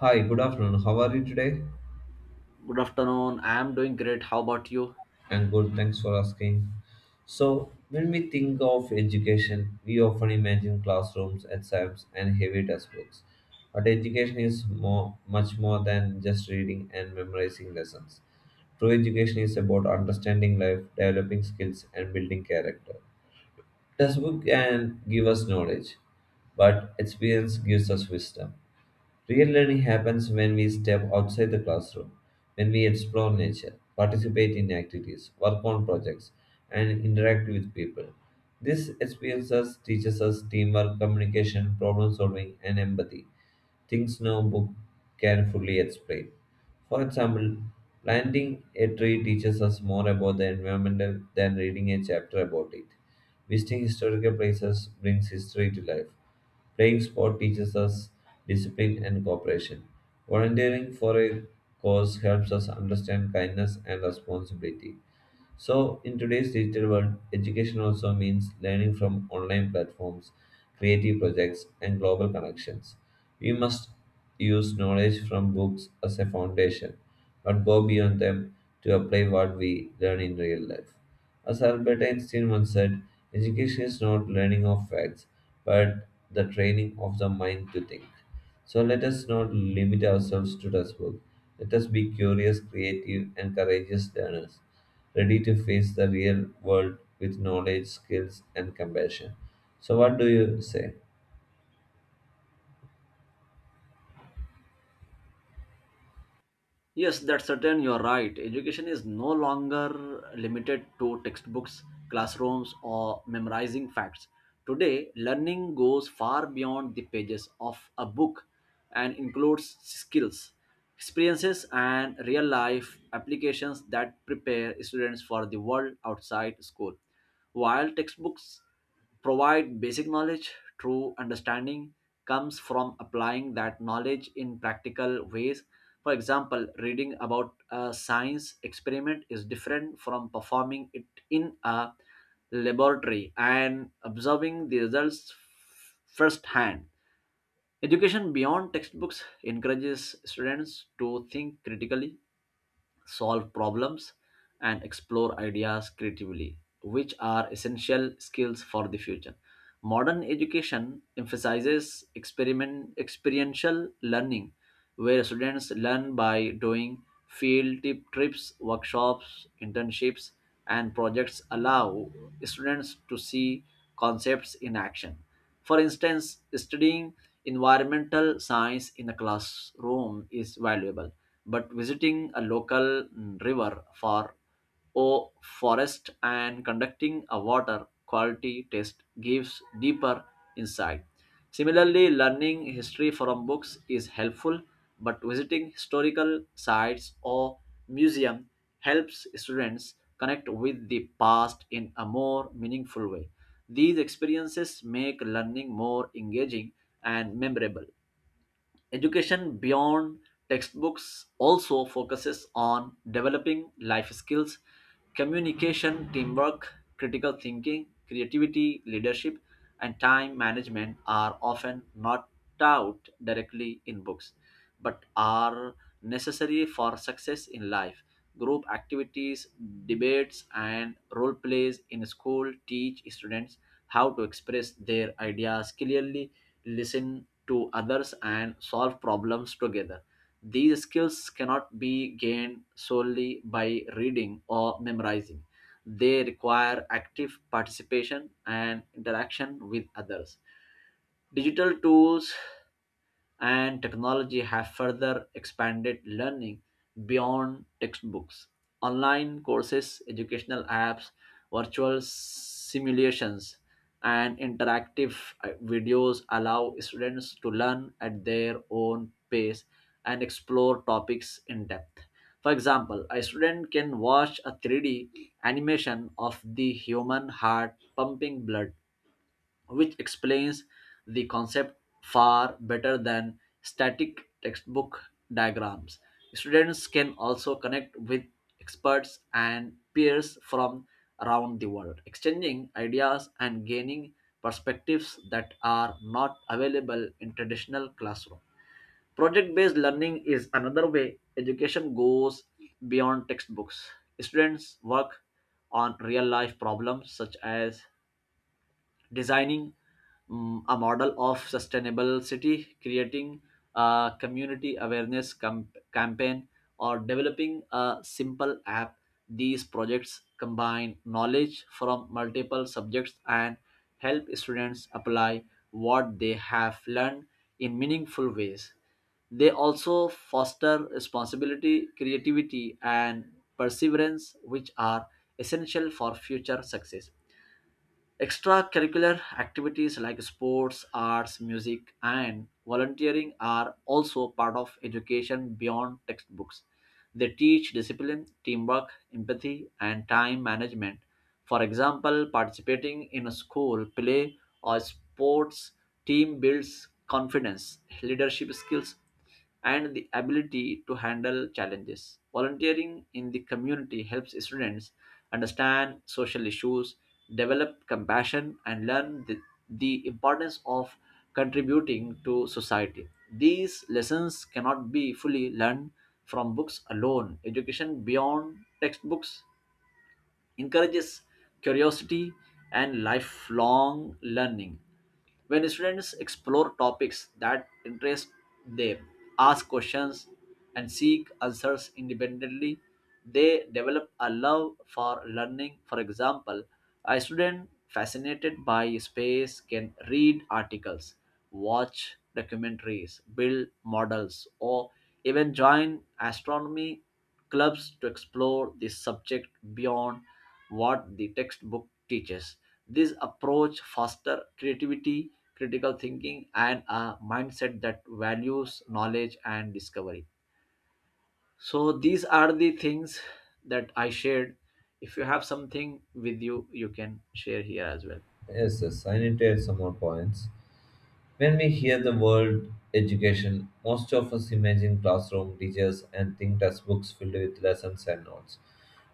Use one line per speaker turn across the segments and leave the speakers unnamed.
Hi, good afternoon. How are you today?
Good afternoon. I am doing great. How about you?
I'm good, thanks for asking. So, when we think of education, we often imagine classrooms, exams, and heavy textbooks. But education is more, much more than just reading and memorizing lessons. True education is about understanding life, developing skills, and building character. Textbook can give us knowledge, but experience gives us wisdom. Real learning happens when we step outside the classroom, when we explore nature, participate in activities, work on projects, and interact with people. This experiences teaches us teamwork, communication, problem solving, and empathy, things no book can fully explain. For example, planting a tree teaches us more about the environment than reading a chapter about it. Visiting historical places brings history to life. Playing sport teaches us discipline and cooperation. Volunteering for a cause helps us understand kindness and responsibility. So, in today's digital world, education also means learning from online platforms, creative projects, and global connections. We must use knowledge from books as a foundation, but go beyond them to apply what we learn in real life. As Albert Einstein once said, education is not learning of facts, but the training of the mind to think. So let us not limit ourselves to textbook. Let us be curious, creative, and courageous learners, ready to face the real world with knowledge, skills, and compassion. So what do you say?
Yes, that's certain. You're right. Education is no longer limited to textbooks, classrooms, or memorizing facts. Today, learning goes far beyond the pages of a book and includes skills, experiences, and real life applications that prepare students for the world outside school. While textbooks provide basic knowledge, true understanding comes from applying that knowledge in practical ways. For example, reading about a science experiment is different from performing it in a laboratory and observing the results firsthand. Education beyond textbooks encourages students to think critically, solve problems, and explore ideas creatively, which are essential skills for the future. Modern education emphasizes experiment, experiential learning, where students learn by doing. Field tip trips, workshops, internships, and projects allow students to see concepts in action. For instance, studying environmental science in a classroom is valuable, but visiting a local river for or forest and conducting a water quality test gives deeper insight. Similarly, learning history from books is helpful, but visiting historical sites or museum helps students connect with the past in a more meaningful way. These experiences make learning more engaging and memorable. Education beyond textbooks also focuses on developing life skills. Communication, teamwork, critical thinking, creativity, leadership, and time management are often not taught directly in books, but are necessary for success in life. Group activities, debates, and role plays in school teach students how to express their ideas clearly, listen to others, and solve problems together. These skills cannot be gained solely by reading or memorizing. They require active participation and interaction with others. Digital tools and technology have further expanded learning beyond textbooks. Online courses, educational apps, virtual simulations, and interactive videos allow students to learn at their own pace and explore topics in depth. For example, a student can watch a 3D animation of the human heart pumping blood, which explains the concept far better than static textbook diagrams. Students can also connect with experts and peers from around the world, exchanging ideas and gaining perspectives that are not available in traditional classroom. Project based learning is another way education goes beyond textbooks. Students work on real life problems, such as designing a model of sustainable city, creating a community awareness campaign, or developing a simple app. These projects combine knowledge from multiple subjects and help students apply what they have learned in meaningful ways. They also foster responsibility, creativity, and perseverance, which are essential for future success. Extracurricular activities like sports, arts, music, and volunteering are also part of education beyond textbooks. They teach discipline, teamwork, empathy, and time management. For example, participating in a school play or sports team builds confidence, leadership skills, and the ability to handle challenges. Volunteering in the community helps students understand social issues, develop compassion, and learn the importance of contributing to society. These lessons cannot be fully learned from books alone. Education beyond textbooks encourages curiosity and lifelong learning. When students explore topics that interest them, ask questions, and seek answers independently, they develop a love for learning. For example, a student fascinated by space can read articles, watch documentaries, build models, or even join astronomy clubs to explore the subject beyond what the textbook teaches. This approach fosters creativity, critical thinking, and a mindset that values knowledge and discovery. So, these are the things that I shared. If you have something with you, you can share here as well.
Yes, yes, I need to add some more points. When we hear the word education, most of us imagine classroom teachers and think textbooks filled with lessons and notes.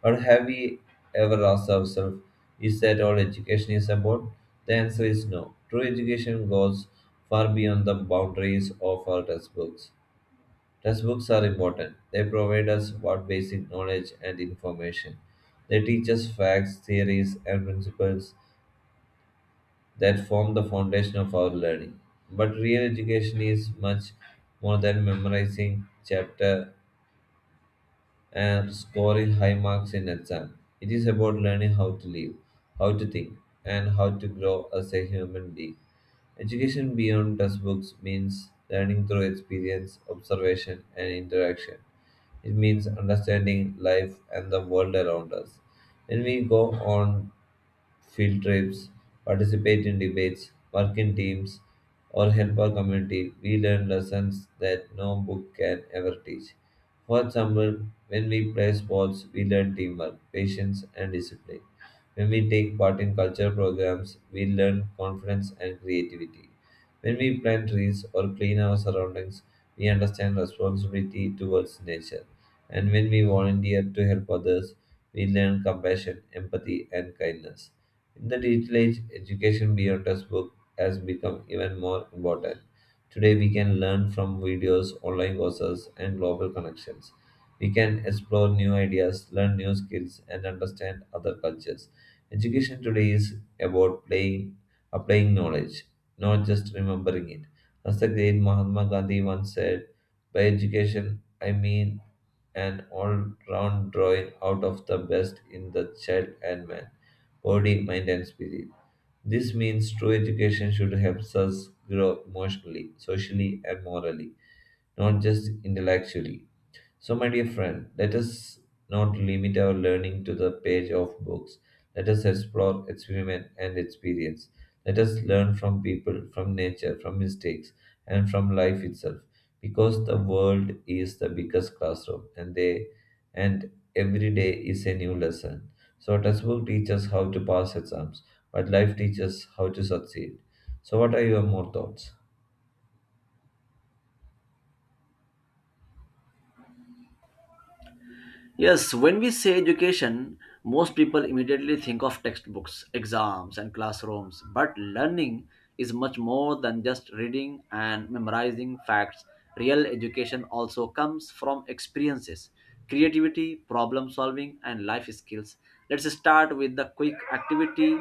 But have we ever asked ourselves, is that all education is about? The answer is no. True education goes far beyond the boundaries of our textbooks. Textbooks are important. They provide us with basic knowledge and information. They teach us facts, theories, and principles that form the foundation of our learning. But real education is much more than memorizing chapter and scoring high marks in exam. It is about learning how to live, how to think, and how to grow as a human being. Education beyond textbooks means learning through experience, observation, and interaction. It means understanding life and the world around us. When we go on field trips, participate in debates, work in teams, or help our community, we learn lessons that no book can ever teach. For example, when we play sports, we learn teamwork, patience, and discipline. When we take part in cultural programs, we learn confidence and creativity. When we plant trees or clean our surroundings, we understand responsibility towards nature. And when we volunteer to help others, we learn compassion, empathy, and kindness. In the digital age, education beyond textbook has become even more important. Today, we can learn from videos, online courses, and global connections. We can explore new ideas, learn new skills, and understand other cultures. Education today is about playing, applying knowledge, not just remembering it. As the great Mahatma Gandhi once said, by education, I mean an all round drawing out of the best in the child and man, body, mind, and spirit. This means true education should help us grow emotionally, socially, and morally, not just intellectually. So, my dear friend, let us not limit our learning to the page of books. Let us explore, experiment, and experience. Let us learn from people, from nature, from mistakes, and from life itself. Because the world is the biggest classroom, and every day is a new lesson. So, textbook teaches how to pass exams, but life teaches how to succeed. So, what are your more thoughts?
Yes, when we say education, most people immediately think of textbooks, exams, and classrooms. But learning is much more than just reading and memorizing facts. Real education also comes from experiences, creativity, problem solving, and life skills. Let's start with the quick activity.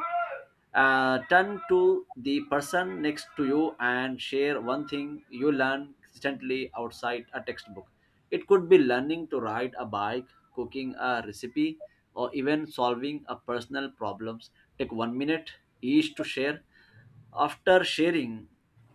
Turn to the person next to you and share one thing you learn consistently outside a textbook. It could be learning to ride a bike, cooking a recipe, or even solving a personal problems. Take 1 minute each to share. After sharing,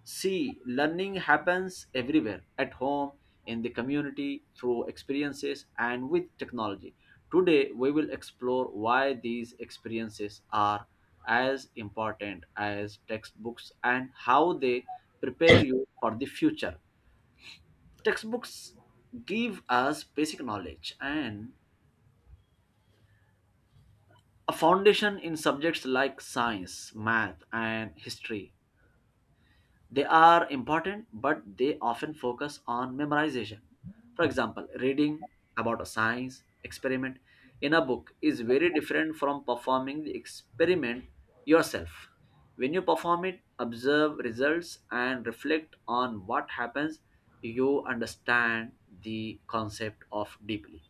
see learning happens everywhere: at home, in the community, through experiences and with technology. Today we will explore why these experiences are as important as textbooks and how they prepare you for the future. Textbooks give us basic knowledge and a foundation in subjects like science, math, and history. They are important, but they often focus on memorization. For example, reading about a science experiment in a book is very different from performing the experiment yourself. When you perform it, observe results and reflect on what happens, you understand the concept of deeply.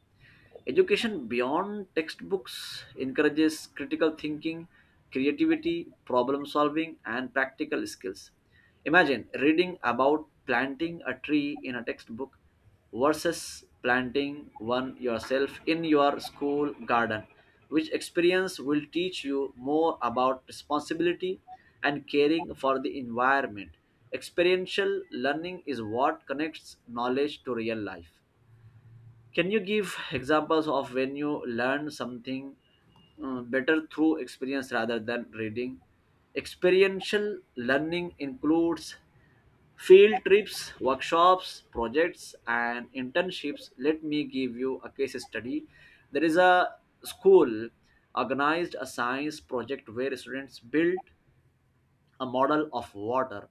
Education beyond textbooks encourages critical thinking, creativity, problem solving, and practical skills. Imagine reading about planting a tree in a textbook versus planting one yourself in your school garden. Which experience will teach you more about responsibility and caring for the environment? Experiential learning is what connects knowledge to real life. Can you give examples of when you learn something better through experience rather than reading? Experiential learning includes field trips, workshops, projects, and internships. Let me give you a case study. There is a school organized a science project where students built a model of water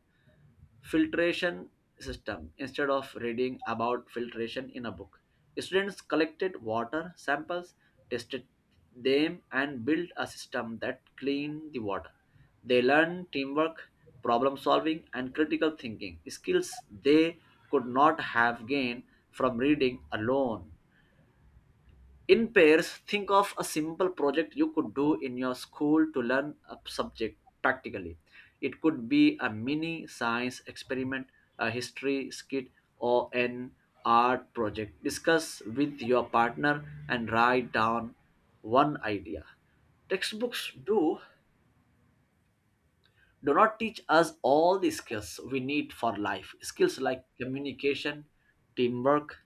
filtration system instead of reading about filtration in a book. Students collected water samples, tested them, and built a system that cleaned the water. They learned teamwork, problem solving, and critical thinking skills they could not have gained from reading alone. In pairs, think of a simple project you could do in your school to learn a subject practically. It could be a mini science experiment, a history skit, or an art project. Discuss with your partner and write down one idea. Textbooks do not teach us all the skills we need for life. Skills like communication, teamwork,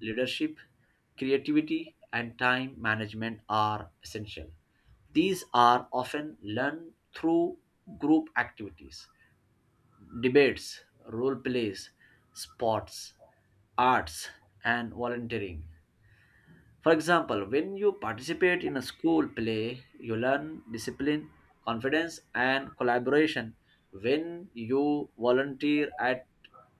leadership, creativity, and time management are essential. These are often learned through group activities, debates, role plays, sports, arts, and volunteering. For example, when you participate in a school play, you learn discipline, confidence, and collaboration. When you volunteer at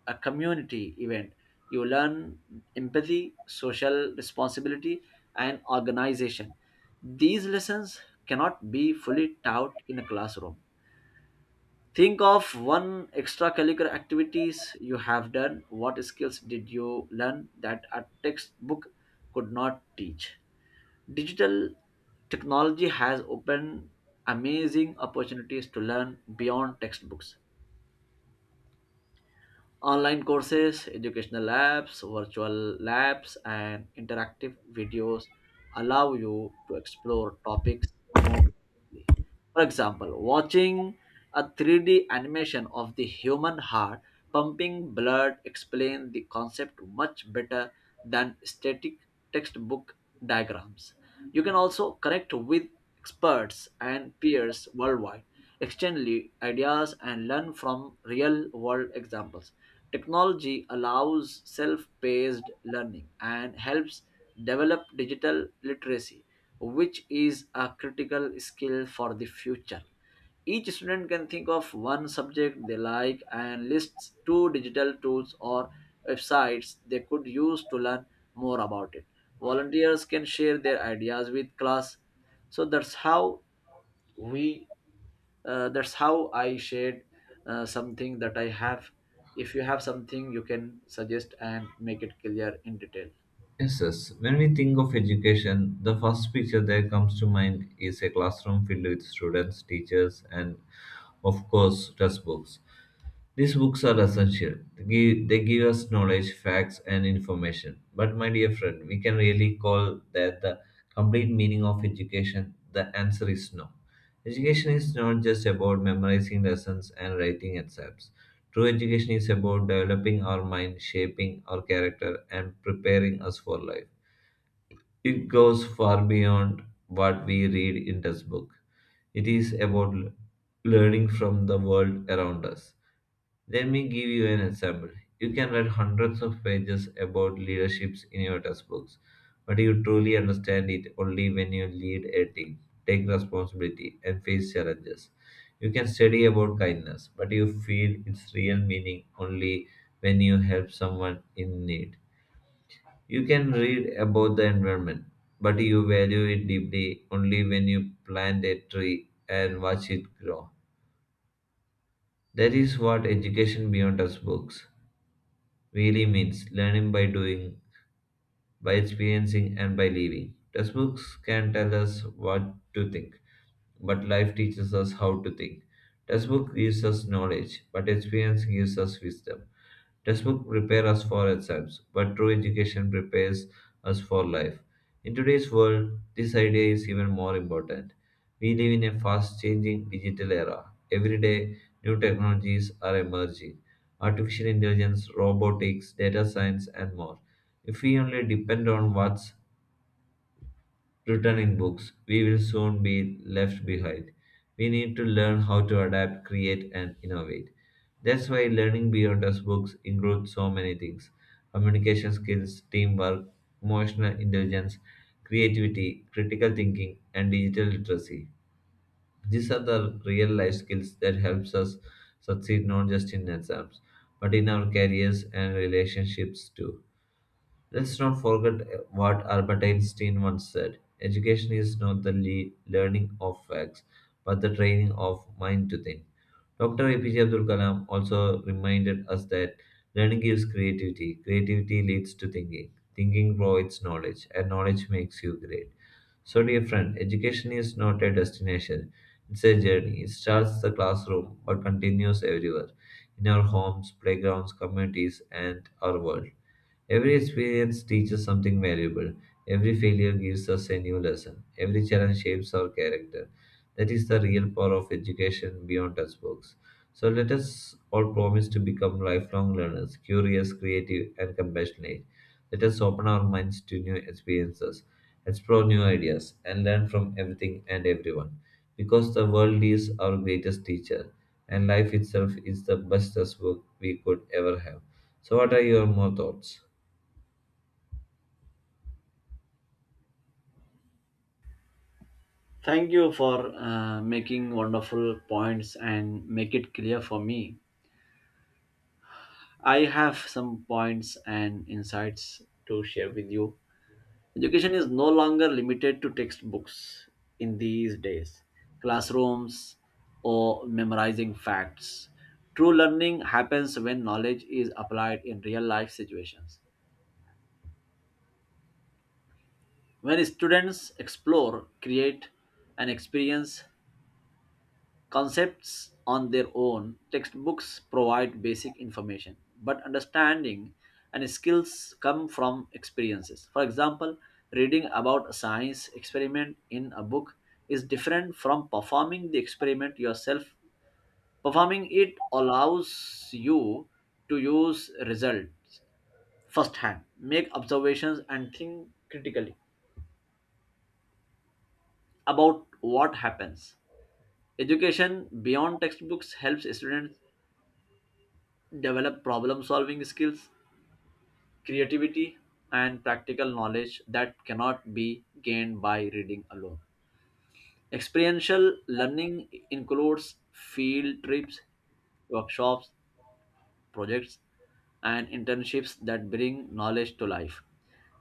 a community event, you learn empathy, social responsibility, and organization. These lessons cannot be fully taught in a classroom. Think of one extracurricular activities you have done. What skills did you learn that a textbook could not teach? Digital technology has opened amazing opportunities to learn beyond textbooks. Online courses, educational labs, virtual labs, and interactive videos allow you to explore topics more deeply. For example, watching a 3D animation of the human heart pumping blood explains the concept much better than static textbook diagrams. You can also connect with experts and peers worldwide, exchange ideas, and learn from real world examples. Technology allows self paced learning and helps develop digital literacy, which is a critical skill for the future. Each student can think of one subject they like and lists two digital tools or websites they could use to learn more about it. Volunteers can share their ideas with class. So we that's how I shared something that I have. If you have something, you can suggest and make it clear in detail.
Yes, yes. When we think of education, the first picture that comes to mind is a classroom filled with students, teachers, and of course, textbooks. These books are essential. They give us knowledge, facts, and information. But, my dear friend, we can really call that the complete meaning of education? The answer is no. Education is not just about memorizing lessons and writing exams. True education is about developing our mind, shaping our character, and preparing us for life. It goes far beyond what we read in textbooks. It is about learning from the world around us. Let me give you an example. You can read hundreds of pages about leaderships in your textbooks, but you truly understand it only when you lead a team, take responsibility, and face challenges. You can study about kindness, but you feel its real meaning only when you help someone in need. You can read about the environment, but you value it deeply only when you plant a tree and watch it grow. That is what education beyond textbooks really means: learning by doing, by experiencing and by living. Textbooks can tell us what to think, but life teaches us how to think. Textbook gives us knowledge, but experience gives us wisdom. Textbook prepare us for exams, but true education prepares us for life. In today's world, this idea is even more important. We live in a fast changing digital era. Every day, new technologies are emerging: artificial intelligence, robotics, data science, and more. If we only depend on what's written in books, we will soon be left behind. We need to learn how to adapt, create, and innovate. That's why learning beyond us books includes so many things: communication skills, teamwork, emotional intelligence, creativity, critical thinking, and digital literacy. These are the real life skills that helps us succeed not just in exams, but in our careers and relationships too. Let's not forget what Albert Einstein once said: education is not the learning of facts, but the training of mind to think. Dr. APJ Abdul Kalam also reminded us that learning gives creativity, creativity leads to thinking, thinking provides knowledge, and knowledge makes you great. So, dear friend, education is not a destination, it's a journey. It starts the classroom but continues everywhere, in our homes, playgrounds, communities, and our world. Every experience teaches something valuable. Every failure gives us a new lesson. Every challenge shapes our character. That is the real power of education beyond textbooks. So let us all promise to become lifelong learners, curious, creative, and compassionate. Let us open our minds to new experiences, explore new ideas, and learn from everything and everyone. Because the world is our greatest teacher, and life itself is the best textbook we could ever have. So, what are your more thoughts?
Thank you for making wonderful points and make it clear for me. I have some points and insights to share with you. Education is no longer limited to textbooks in these days, classrooms, or memorizing facts. True learning happens when knowledge is applied in real life situations. When students explore, create, and experience concepts on their own, textbooks provide basic information, but understanding and skills come from experiences. For example, reading about a science experiment in a book is different from performing the experiment yourself. Performing it allows you to use results firsthand, make observations, and think critically about what happens. Education beyond textbooks helps students develop problem solving skills, creativity, and practical knowledge that cannot be gained by reading alone. Experiential learning includes field trips, workshops, projects, and internships that bring knowledge to life.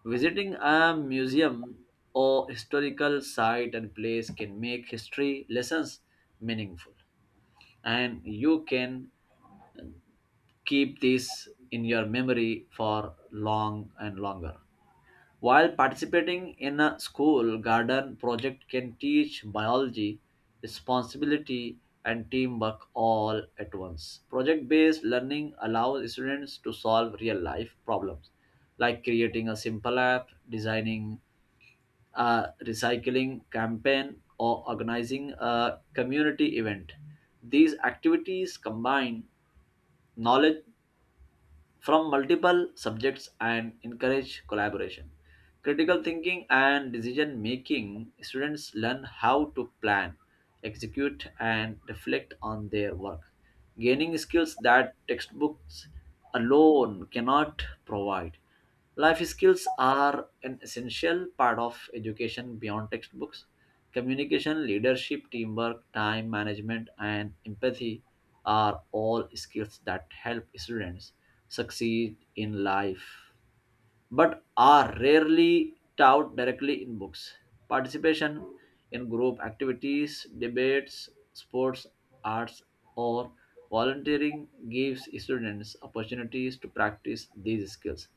Visiting a museum or historical site and place can make history lessons meaningful, and you can keep this in your memory for long and longer. While participating in a school garden project can teach biology, responsibility, and teamwork all at once. Project based learning allows students to solve real life problems, like creating a simple app, designing a recycling campaign, or organizing a community event. These activities combine knowledge from multiple subjects and encourage collaboration. Critical thinking and decision making, students learn how to plan, execute, and reflect on their work, gaining skills that textbooks alone cannot provide. Life skills are an essential part of education beyond textbooks. Communication, leadership, teamwork, time management, and empathy are all skills that help students succeed in life, but are rarely taught directly in books. Participation in group activities, debates, sports, arts, or volunteering gives students opportunities to practice these skills.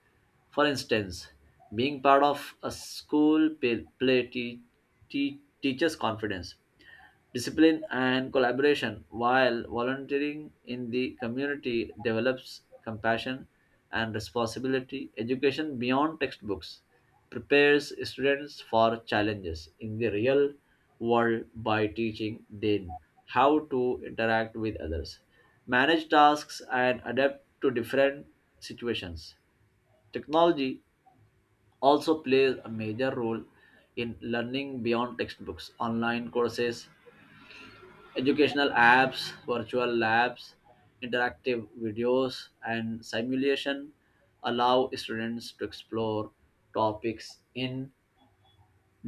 For instance, being part of a school play teaches confidence, discipline, and collaboration, while volunteering in the community develops compassion and responsibility. Education beyond textbooks prepares students for challenges in the real world by teaching them how to interact with others, manage tasks, and adapt to different situations. Technology also plays a major role in learning beyond textbooks. Online courses, educational apps, virtual labs, interactive videos, and simulation allow students to explore topics in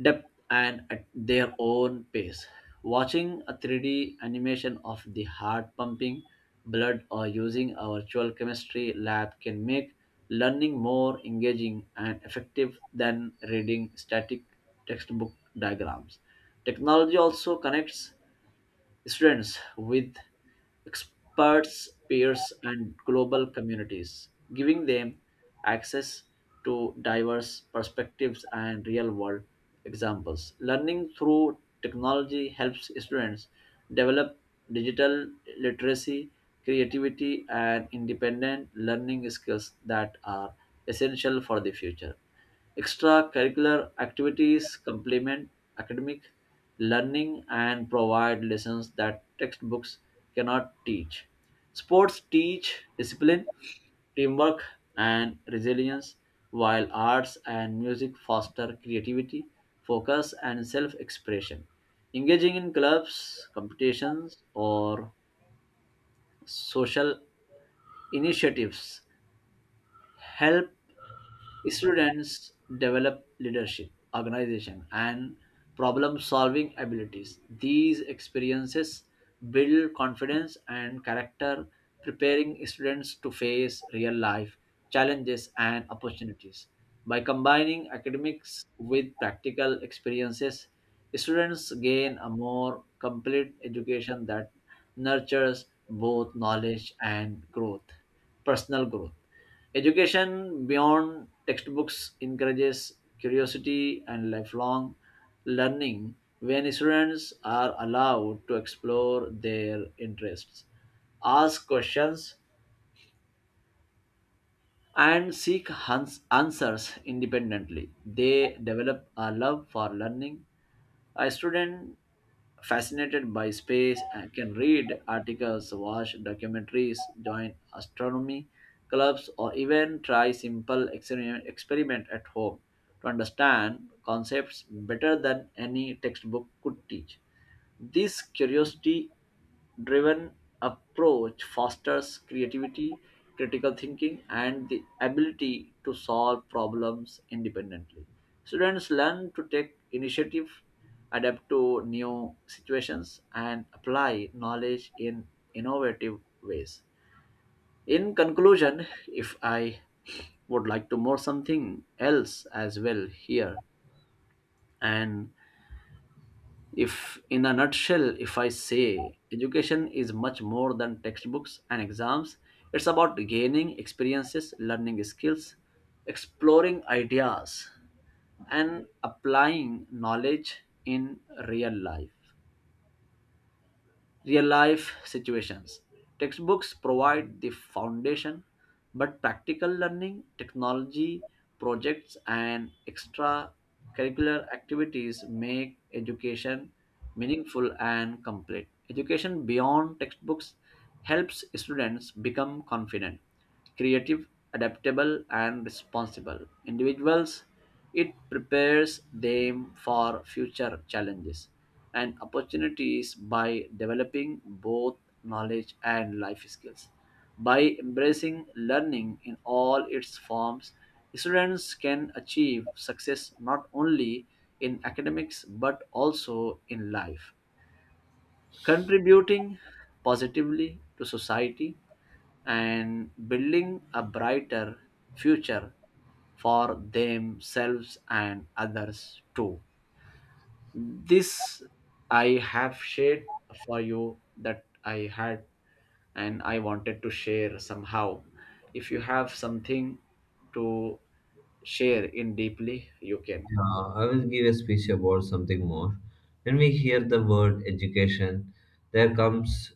depth and at their own pace. Watching a 3D animation of the heart pumping blood, or using a virtual chemistry lab can make learning more engaging and effective than reading static textbook diagrams. Technology also connects students with experts, peers, and global communities, giving them access to diverse perspectives and real world examples. Learning through technology helps students develop digital literacy, creativity, and independent learning skills that are essential for the future. Extracurricular activities complement academic learning and provide lessons that textbooks cannot teach. Sports teach discipline, teamwork, and resilience, while arts and music foster creativity, focus, and self expression. Engaging in clubs, competitions, or social initiatives help students develop leadership, organization, and problem solving abilities. These experiences build confidence and character, preparing students to face real life challenges and opportunities. By combining academics with practical experiences, students gain a more complete education that nurtures both knowledge and growth, personal growth. Education beyond textbooks encourages curiosity and lifelong learning when students are allowed to explore their interests, ask questions, and seek answers independently. They develop a love for learning. A student fascinated by space and can read articles, watch documentaries, join astronomy clubs, or even try simple experiment at home to understand concepts better than any textbook could teach. This curiosity driven approach fosters creativity, critical thinking, and the ability to solve problems independently. Students learn to take initiative, adapt to new situations, and apply knowledge in innovative ways. In conclusion, if I would like to more something else as well here, and if, in a nutshell, if I say education is much more than textbooks and exams, it's about gaining experiences, learning skills, exploring ideas, and applying knowledge in real life real life situations. Textbooks provide the foundation, but practical learning, technology, projects, and extracurricular activities make education meaningful and complete. Education beyond textbooks helps students become confident, creative, adaptable, and responsible individuals. It prepares them for future challenges and opportunities by developing both knowledge and life skills. By embracing learning in all its forms, students can achieve success not only in academics but also in life, contributing positively to society and building a brighter future for themselves and others too. This I have shared for you that I had and I wanted to share somehow. If you have something to share in deeply, you can.
I will give a speech about something more. When we hear the word education, there comes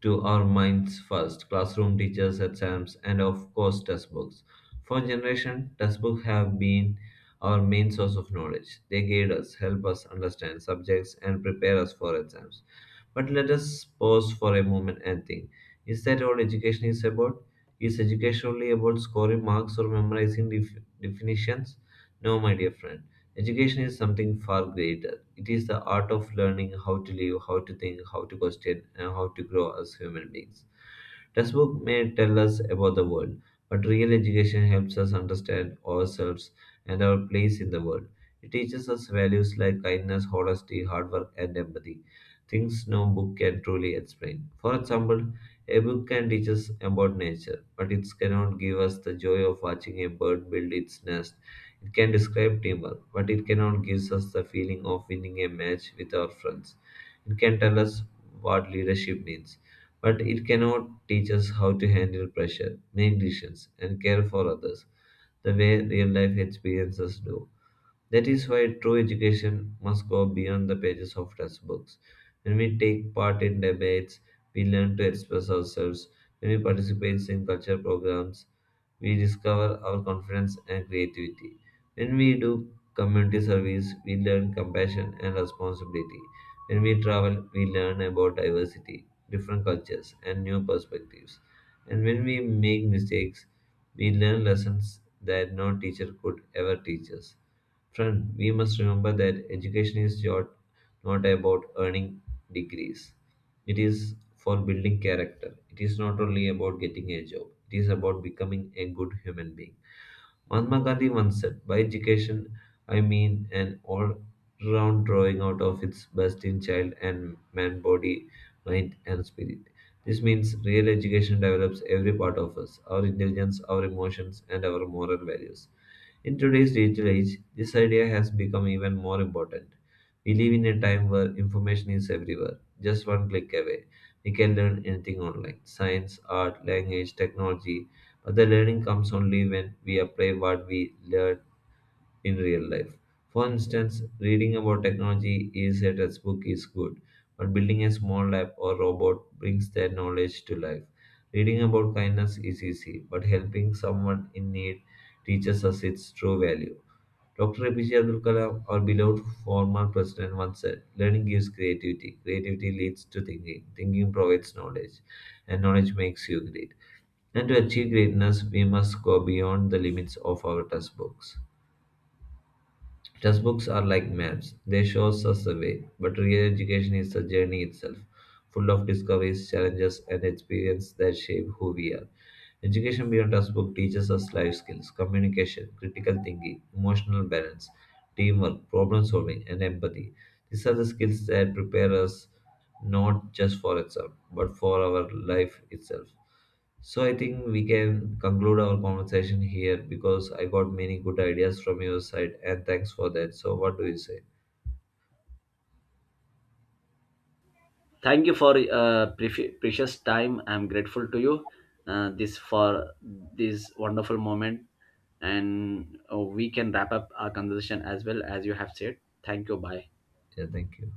to our minds first classroom teachers, exams, and of course textbooks. For generation, textbooks have been our main source of knowledge. They guide us, help us understand subjects, and prepare us for exams. But let us pause for a moment and think: is that all education is about? Is education only about scoring marks or memorizing definitions? No, my dear friend. Education is something far greater. It is the art of learning how to live, how to think, how to question, and how to grow as human beings. Textbooks may tell us about the world, but real education helps us understand ourselves and our place in the world. It teaches us values like kindness, honesty, hard work, and empathy, things no book can truly explain. For example, a book can teach us about nature, but it cannot give us the joy of watching a bird build its nest. It can describe teamwork, but it cannot give us the feeling of winning a match with our friends. It can tell us what leadership means, but it cannot teach us how to handle pressure, make decisions, and care for others the way real life experiences do. That is why true education must go beyond the pages of textbooks. When we take part in debates, we learn to express ourselves. When we participate in culture programs, we discover our confidence and creativity. When we do community service, we learn compassion and responsibility. When we travel, we learn about diversity, different cultures, and new perspectives. And when we make mistakes, we learn lessons that no teacher could ever teach us. Friend, we must remember that education is your, not about earning degrees. It is for building character. It is not only about getting a job. It is about becoming a good human being. Mahatma Gandhi once said, by education, I mean an all round drawing out of its best in child and man, body, mind, and spirit. This means real education develops every part of us: our intelligence, our emotions, and our moral values. In today's digital age, this idea has become even more important. We live in a time where information is everywhere, just one click away. We can learn anything online: science, art, language, technology, the learning comes only when we apply what we learn in real life. For instance, reading about technology is a textbook is good, but building a small lab or robot brings that knowledge to life. Reading about kindness is easy, but helping someone in need teaches us its true value. Dr. APJ Abdul Kalam, our beloved former president, once said, learning gives creativity. Creativity leads to thinking. Thinking provides knowledge, and knowledge makes you great. And to achieve greatness, we must go beyond the limits of our textbooks. Textbooks are like maps, they show us the way, but real education is the journey itself, full of discoveries, challenges, and experiences that shape who we are. Education beyond textbook teaches us life skills, communication, critical thinking, emotional balance, teamwork, problem solving, and empathy. These are the skills that prepare us not just for exam, but for our life itself. So I think we can conclude our conversation here because I got many good ideas from your side and thanks for that. So what do you say?
Thank you for precious time. I'm grateful to you, this for this wonderful moment, and we can wrap up our conversation as well as you have said. Thank you. Bye.
Yeah, thank you.